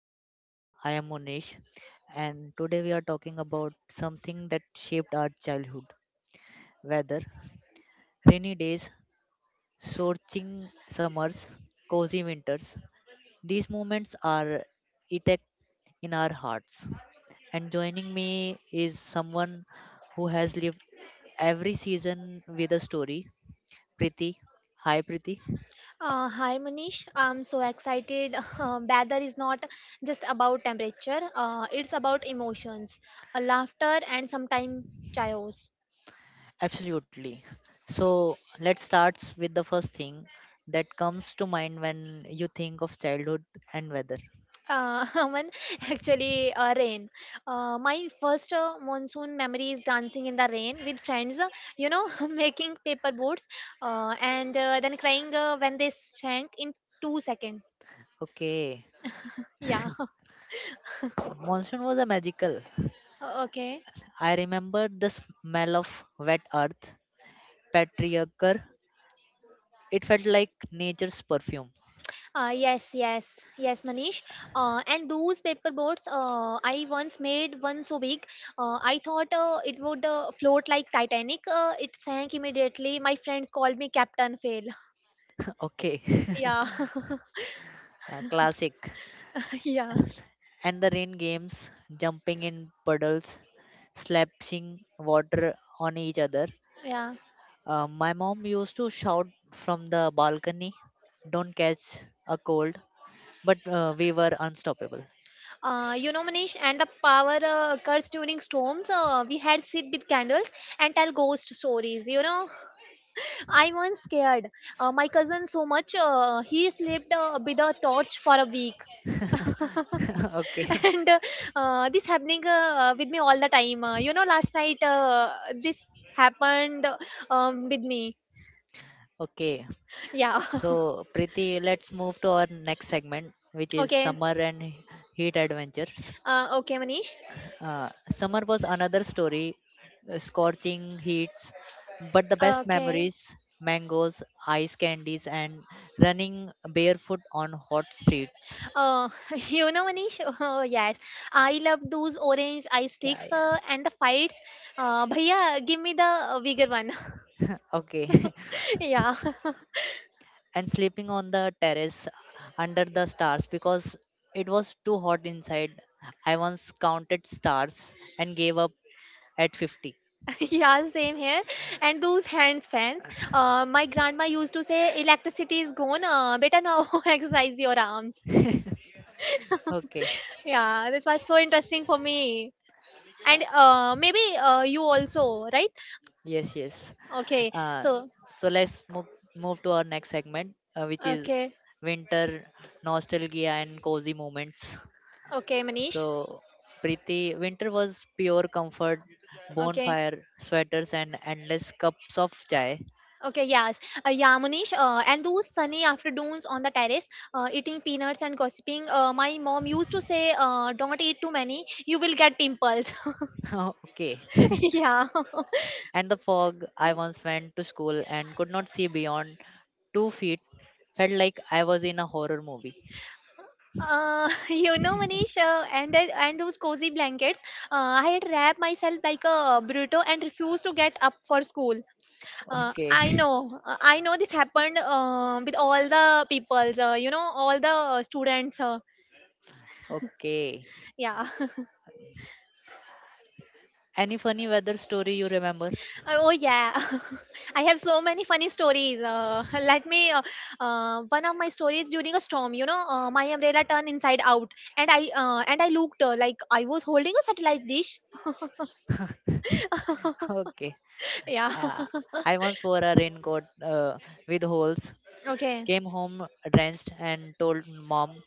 podcast. I am Unesh, and today we are talking about something that shaped our childhood weather, rainy days, scorching summers, cozy winters. These moments are etched in our hearts. And joining me is someone who has lived every season with a story, Priti. Hi, Priti. Hi Manish, I'm so excited. Weather is not just about temperature, it's about emotions, laughter, and sometimes chaos. Absolutely. So let's start with the first thing that comes to mind when you think of childhood and weather. Uh, one actually rain. My first monsoon memory is dancing in the rain with friends, you know, making paper boats and then crying when they sank in 2 seconds. Okay, Yeah, monsoon was a magical. okay. I remember the smell of wet earth, patriarchal. It felt like nature's perfume. Yes, yes, yes, Manish. And those paper boats, I once made one so big. I thought it would float like Titanic. It sank immediately. My friends called me Captain Fail. Okay, Yeah, a classic. yeah, And the rain games, jumping in puddles, slashing water on each other. yeah. My mom used to shout from the balcony, "Don't catch a cold," but we were unstoppable. You know, Manish, and the power cuts during storms. We had sit with candles and tell ghost stories. You know, I once scared my cousin so much. He slept with a torch for a week. okay, And this happening with me all the time you know last night this happened with me. okay. Yeah. So, Preeti, let's move to our next segment, which is Okay. summer and heat adventures. Okay, Manish. Summer was another story, scorching heats, but the best Okay. memories: mangoes, ice candies, and running barefoot on hot streets. uh, you know Manish oh, yes, I love those orange ice Yeah, sticks yeah. And the fights. Bhaiya, give me the bigger one. Okay. Yeah. And sleeping on the terrace under the stars because it was too hot inside. I once counted stars and gave up at 50. Yeah, same here. And those hands fans, my grandma used to say electricity is gone, better now, exercise your arms. Okay. Yeah, this was so interesting for me. And maybe you also, right? Yes, yes. Okay, Uh, so, so let's move to our next segment, which is okay, winter nostalgia and cozy moments. okay, Manish. So, Preeti, winter was pure comfort, Okay. bonfire, sweaters, and endless cups of chai. Okay, yes. Yeah, Manish, and those sunny afternoons on the terrace, eating peanuts and gossiping, my mom used to say, don't eat too many, you will get pimples. okay. Yeah. And the fog, I once went to school and could not see beyond 2 feet. Felt like I was in a horror movie. You know, Manish, and those cozy blankets, I had wrapped myself like a burrito and refused to get up for school. Okay, I know this happened with all the peoples, you know, all the students. Okay. Yeah. Any funny weather story you remember? Oh yeah. I have so many funny stories. Let me. One of my stories during a storm. You know, my umbrella turned inside out, and I looked like I was holding a satellite dish. Okay. Yeah. Uh, I once wore a raincoat with holes. okay. Came home drenched and told mom,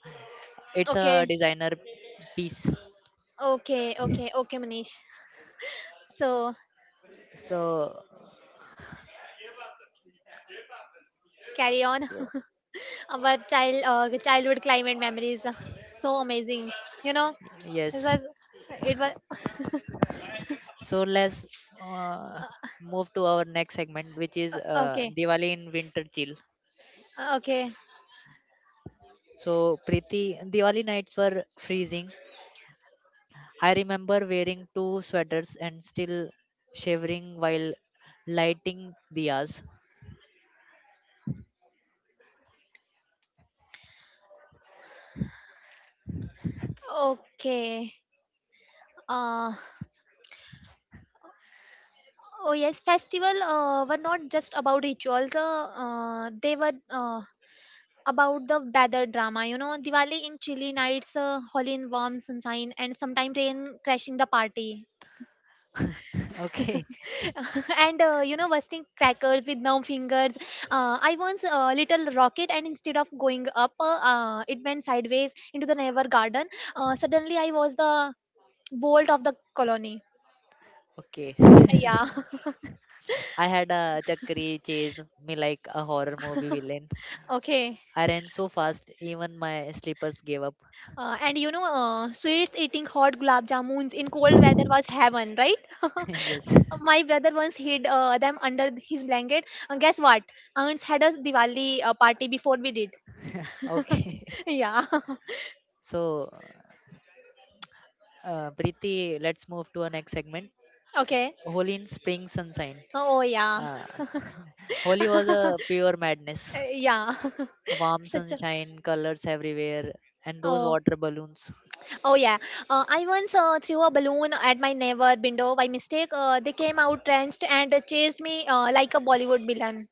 "It's a Okay. designer piece." Okay. Manish. So So, carry on. so Our childhood climate memories, so amazing. You know, this yes. was it was So let's uh, move to our next segment, which is okay, Diwali in winter chill. okay, So, Preeti, Diwali nights were freezing. I remember wearing two sweaters and still shivering while lighting diyas. okay. Uh, oh yes, festival were not just about rituals. They were about the weather drama. You know, Diwali in chilly nights, holy in warm sunshine, and sometimes rain crashing the party. Okay, And you know, bursting crackers with numb fingers, I once little rocket and instead of going up, it went sideways into the neighbor garden. Suddenly I was the bolt of the colony. okay. Yeah. I had a chakri chase me like a horror movie villain. Okay. I ran so fast, even my slippers gave up. And you know, sweets eating hot gulab jamuns in cold weather was heaven, right? yes. My brother once hid them under his blanket, and guess what, aunts had a Diwali party before we did. Okay. Yeah. So, Preeti, let's move to our next segment. Okay. Holy in spring sunshine. Oh yeah. Uh, Holy was a pure madness. Yeah. Warm Such a sunshine, colors everywhere, and those oh, water balloons. oh yeah. I once threw a balloon at my neighbor window by mistake. They came out drenched and chased me like a Bollywood villain.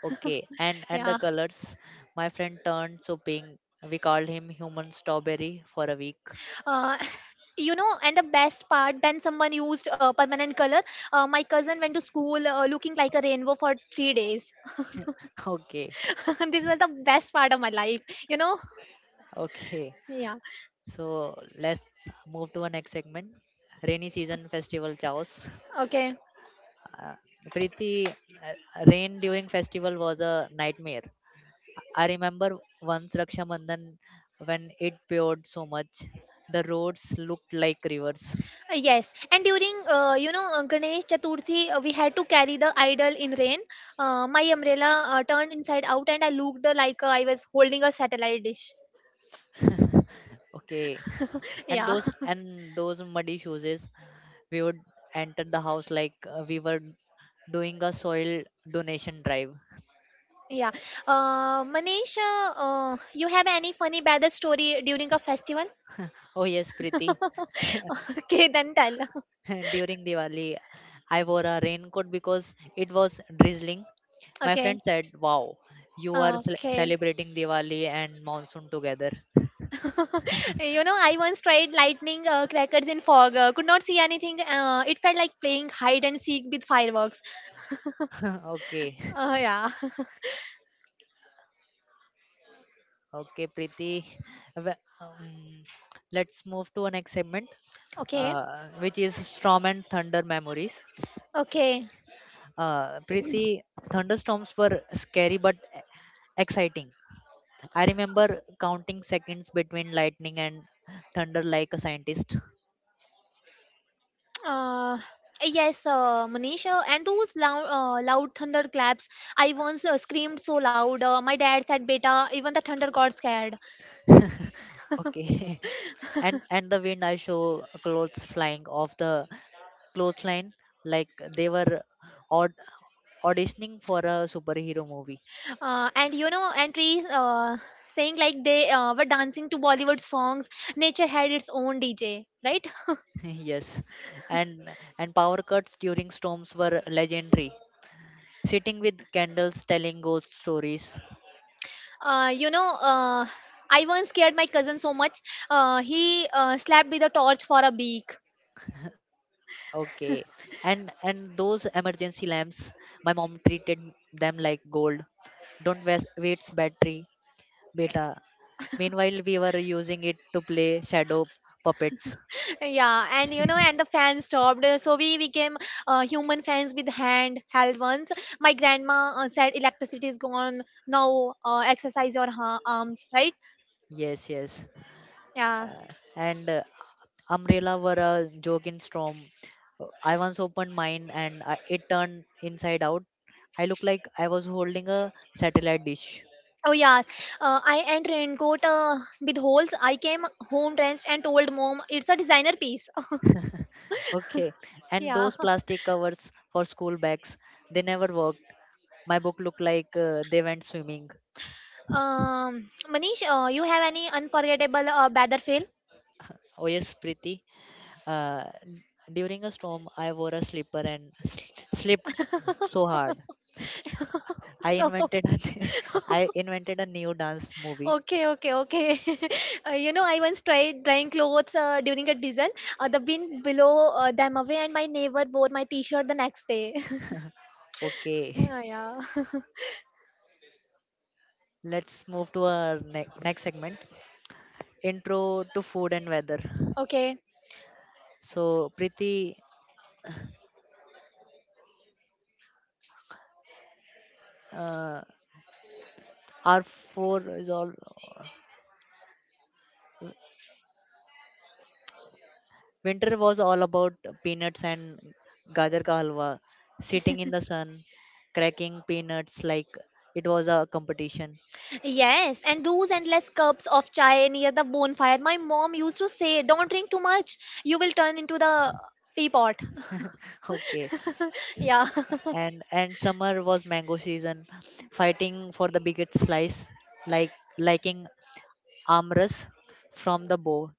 Okay, and the Yeah. colors. My friend turned so pink. We called him human strawberry for a week. Uh, You know, and the best part, when someone used permanent color, my cousin went to school looking like a rainbow for 3 days. okay, This was the best part of my life, you know? okay. Yeah. So let's move to our next segment. Rainy season festival chaos. Okay. Uh, Preeti, rain during festival was a nightmare. I remember once Raksha Bandhan when it poured so much, the roads looked like rivers. Yes, and during Ganesh Chaturthi, we had to carry the idol in rain. My umbrella turned inside out, and I looked like I was holding a satellite dish. Okay. And Yeah, those and those muddy shoes is we would enter the house like we were doing a soil donation drive. yeah. Manish, you have any funny bad story during a festival? Oh yes, Preeti. Okay, then tell. During Diwali, I wore a raincoat because it was drizzling. My Okay. friend said, "Wow, you are Okay. celebrating Diwali and monsoon together." You know, I once tried lightning crackers in fog. Could not see anything. It felt like playing hide and seek with fireworks. okay, Yeah. okay, Preeti. Well, Um, let's move to our next segment, Okay. Which is storm and thunder memories. Okay. Preeti, thunderstorms were scary but exciting. I remember counting seconds between lightning and thunder like a scientist. Uh, yes, Manisha, and those loud thunderclaps. I once screamed so loud. My dad said, "Beta, even the thunder got scared." Okay. and the wind I show clothes flying off the clothesline like they were aud- auditioning for a superhero movie. And you know, and trees saying like they were dancing to Bollywood songs. Nature had its own DJ, right? yes. And and power cuts during storms were legendary. Sitting with candles telling ghost stories. Uh, you know, uh, I once scared my cousin so much. He slept with a torch for a week. Okay. and those emergency lamps, my mom treated them like gold. Don't waste battery, beta. Meanwhile, we were using it to play shadow puppets. Yeah, and you know, and the fan stopped. So we became human fans with hand-held ones. My grandma said, "Electricity is gone now. Exercise your arms, right?" Yes, yes. Yeah. Uh, and Umbrella were a joke in storm. I once opened mine and it turned inside out. I looked like I was holding a satellite dish. Oh yes. I and raincoat with holes. I came home drenched and told mom, "It's a designer piece." Okay. And Yeah. those plastic covers for school bags, they never work. My book looked like they went swimming. Manish, you have any unforgettable Bader fail? Oh yes, Preeti. Uh, During a storm, I wore a slipper and slipped so hard. I So invented a I invented a new dance movie. Okay, okay. You know, I once tried drying clothes during a season. The bin below them away, and my neighbor wore my T-shirt the next day. Okay, Ah, yeah. let's move to our next segment. Intro to food and weather. Okay. So, Preeti, uh, our four is all. Winter was all about peanuts and gajar ka halwa, sitting in the sun, cracking peanuts like it was a competition. Yes, and those endless cups of chai near the bonfire. My mom used to say, "Don't drink too much. You will turn into the teapot." Okay, Yeah. and summer was mango season, fighting for the biggest slice, like liking amras from the bow.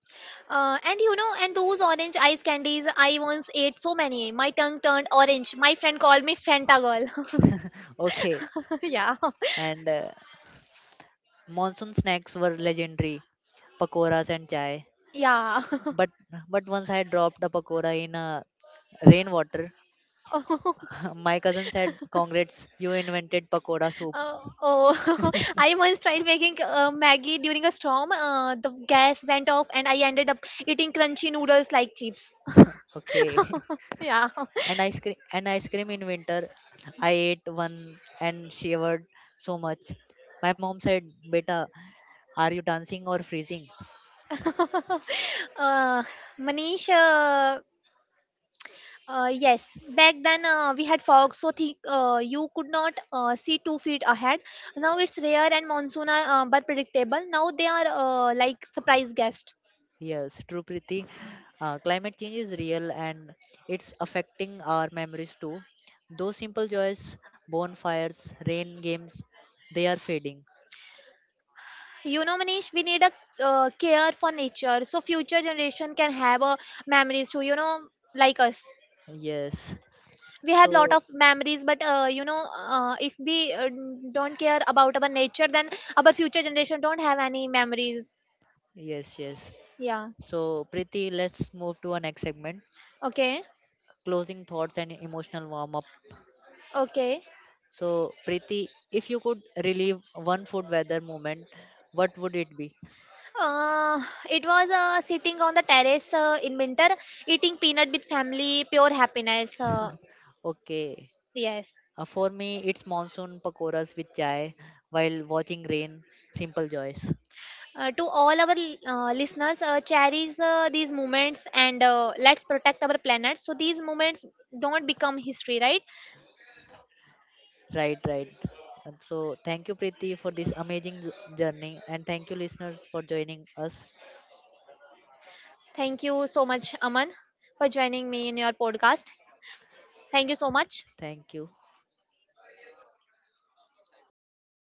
And you know, and those orange ice candies, I once ate so many. My tongue turned orange. My friend called me Fanta girl. Okay, Yeah. and monsoon snacks were legendary, pakoras and chai. Yeah. But but once I dropped a pakora in a rainwater. My cousin said, "Congrats, you invented pakoda soup." Oh, I once tried making Maggie during a storm. The gas went off, and I ended up eating crunchy noodles like chips. Okay. Yeah. And ice cream in winter. I ate one and shivered so much. My mom said, "Beta, are you dancing or freezing?" uh, Manish, yes, back then we had fog so thick you could not see 2 feet ahead. Now it's rare and monsoon are but predictable. Now they are like surprise guests. Yes, true, Preeti. Climate change is real and it's affecting our memories too. Those simple joys, bonfires, rain games, they are fading. You know, Manish, we need a care for nature so future generation can have a memories too. You know, like us, Yes. we have lot So, of memories, but if we don't care about our nature, then our future generation don't have any memories. yes. Yeah. So, Preeti, let's move to our next segment. Okay. Closing thoughts, and emotional warm up. Okay. So, Preeti, if you could relive one food weather moment, what would it be? Uh, it was sitting on the terrace in winter, eating peanut with family, pure happiness. Okay. Yes. For me, it's monsoon pakoras with chai while watching rain. Simple joys. To all our listeners, cherish these moments and let's protect our planet so these moments don't become history, right? Right, right. And so, thank you, Preeti, for this amazing journey. And thank you, listeners, for joining us. Thank you so much, Aman, for joining me in your podcast. Thank you so much. Thank you.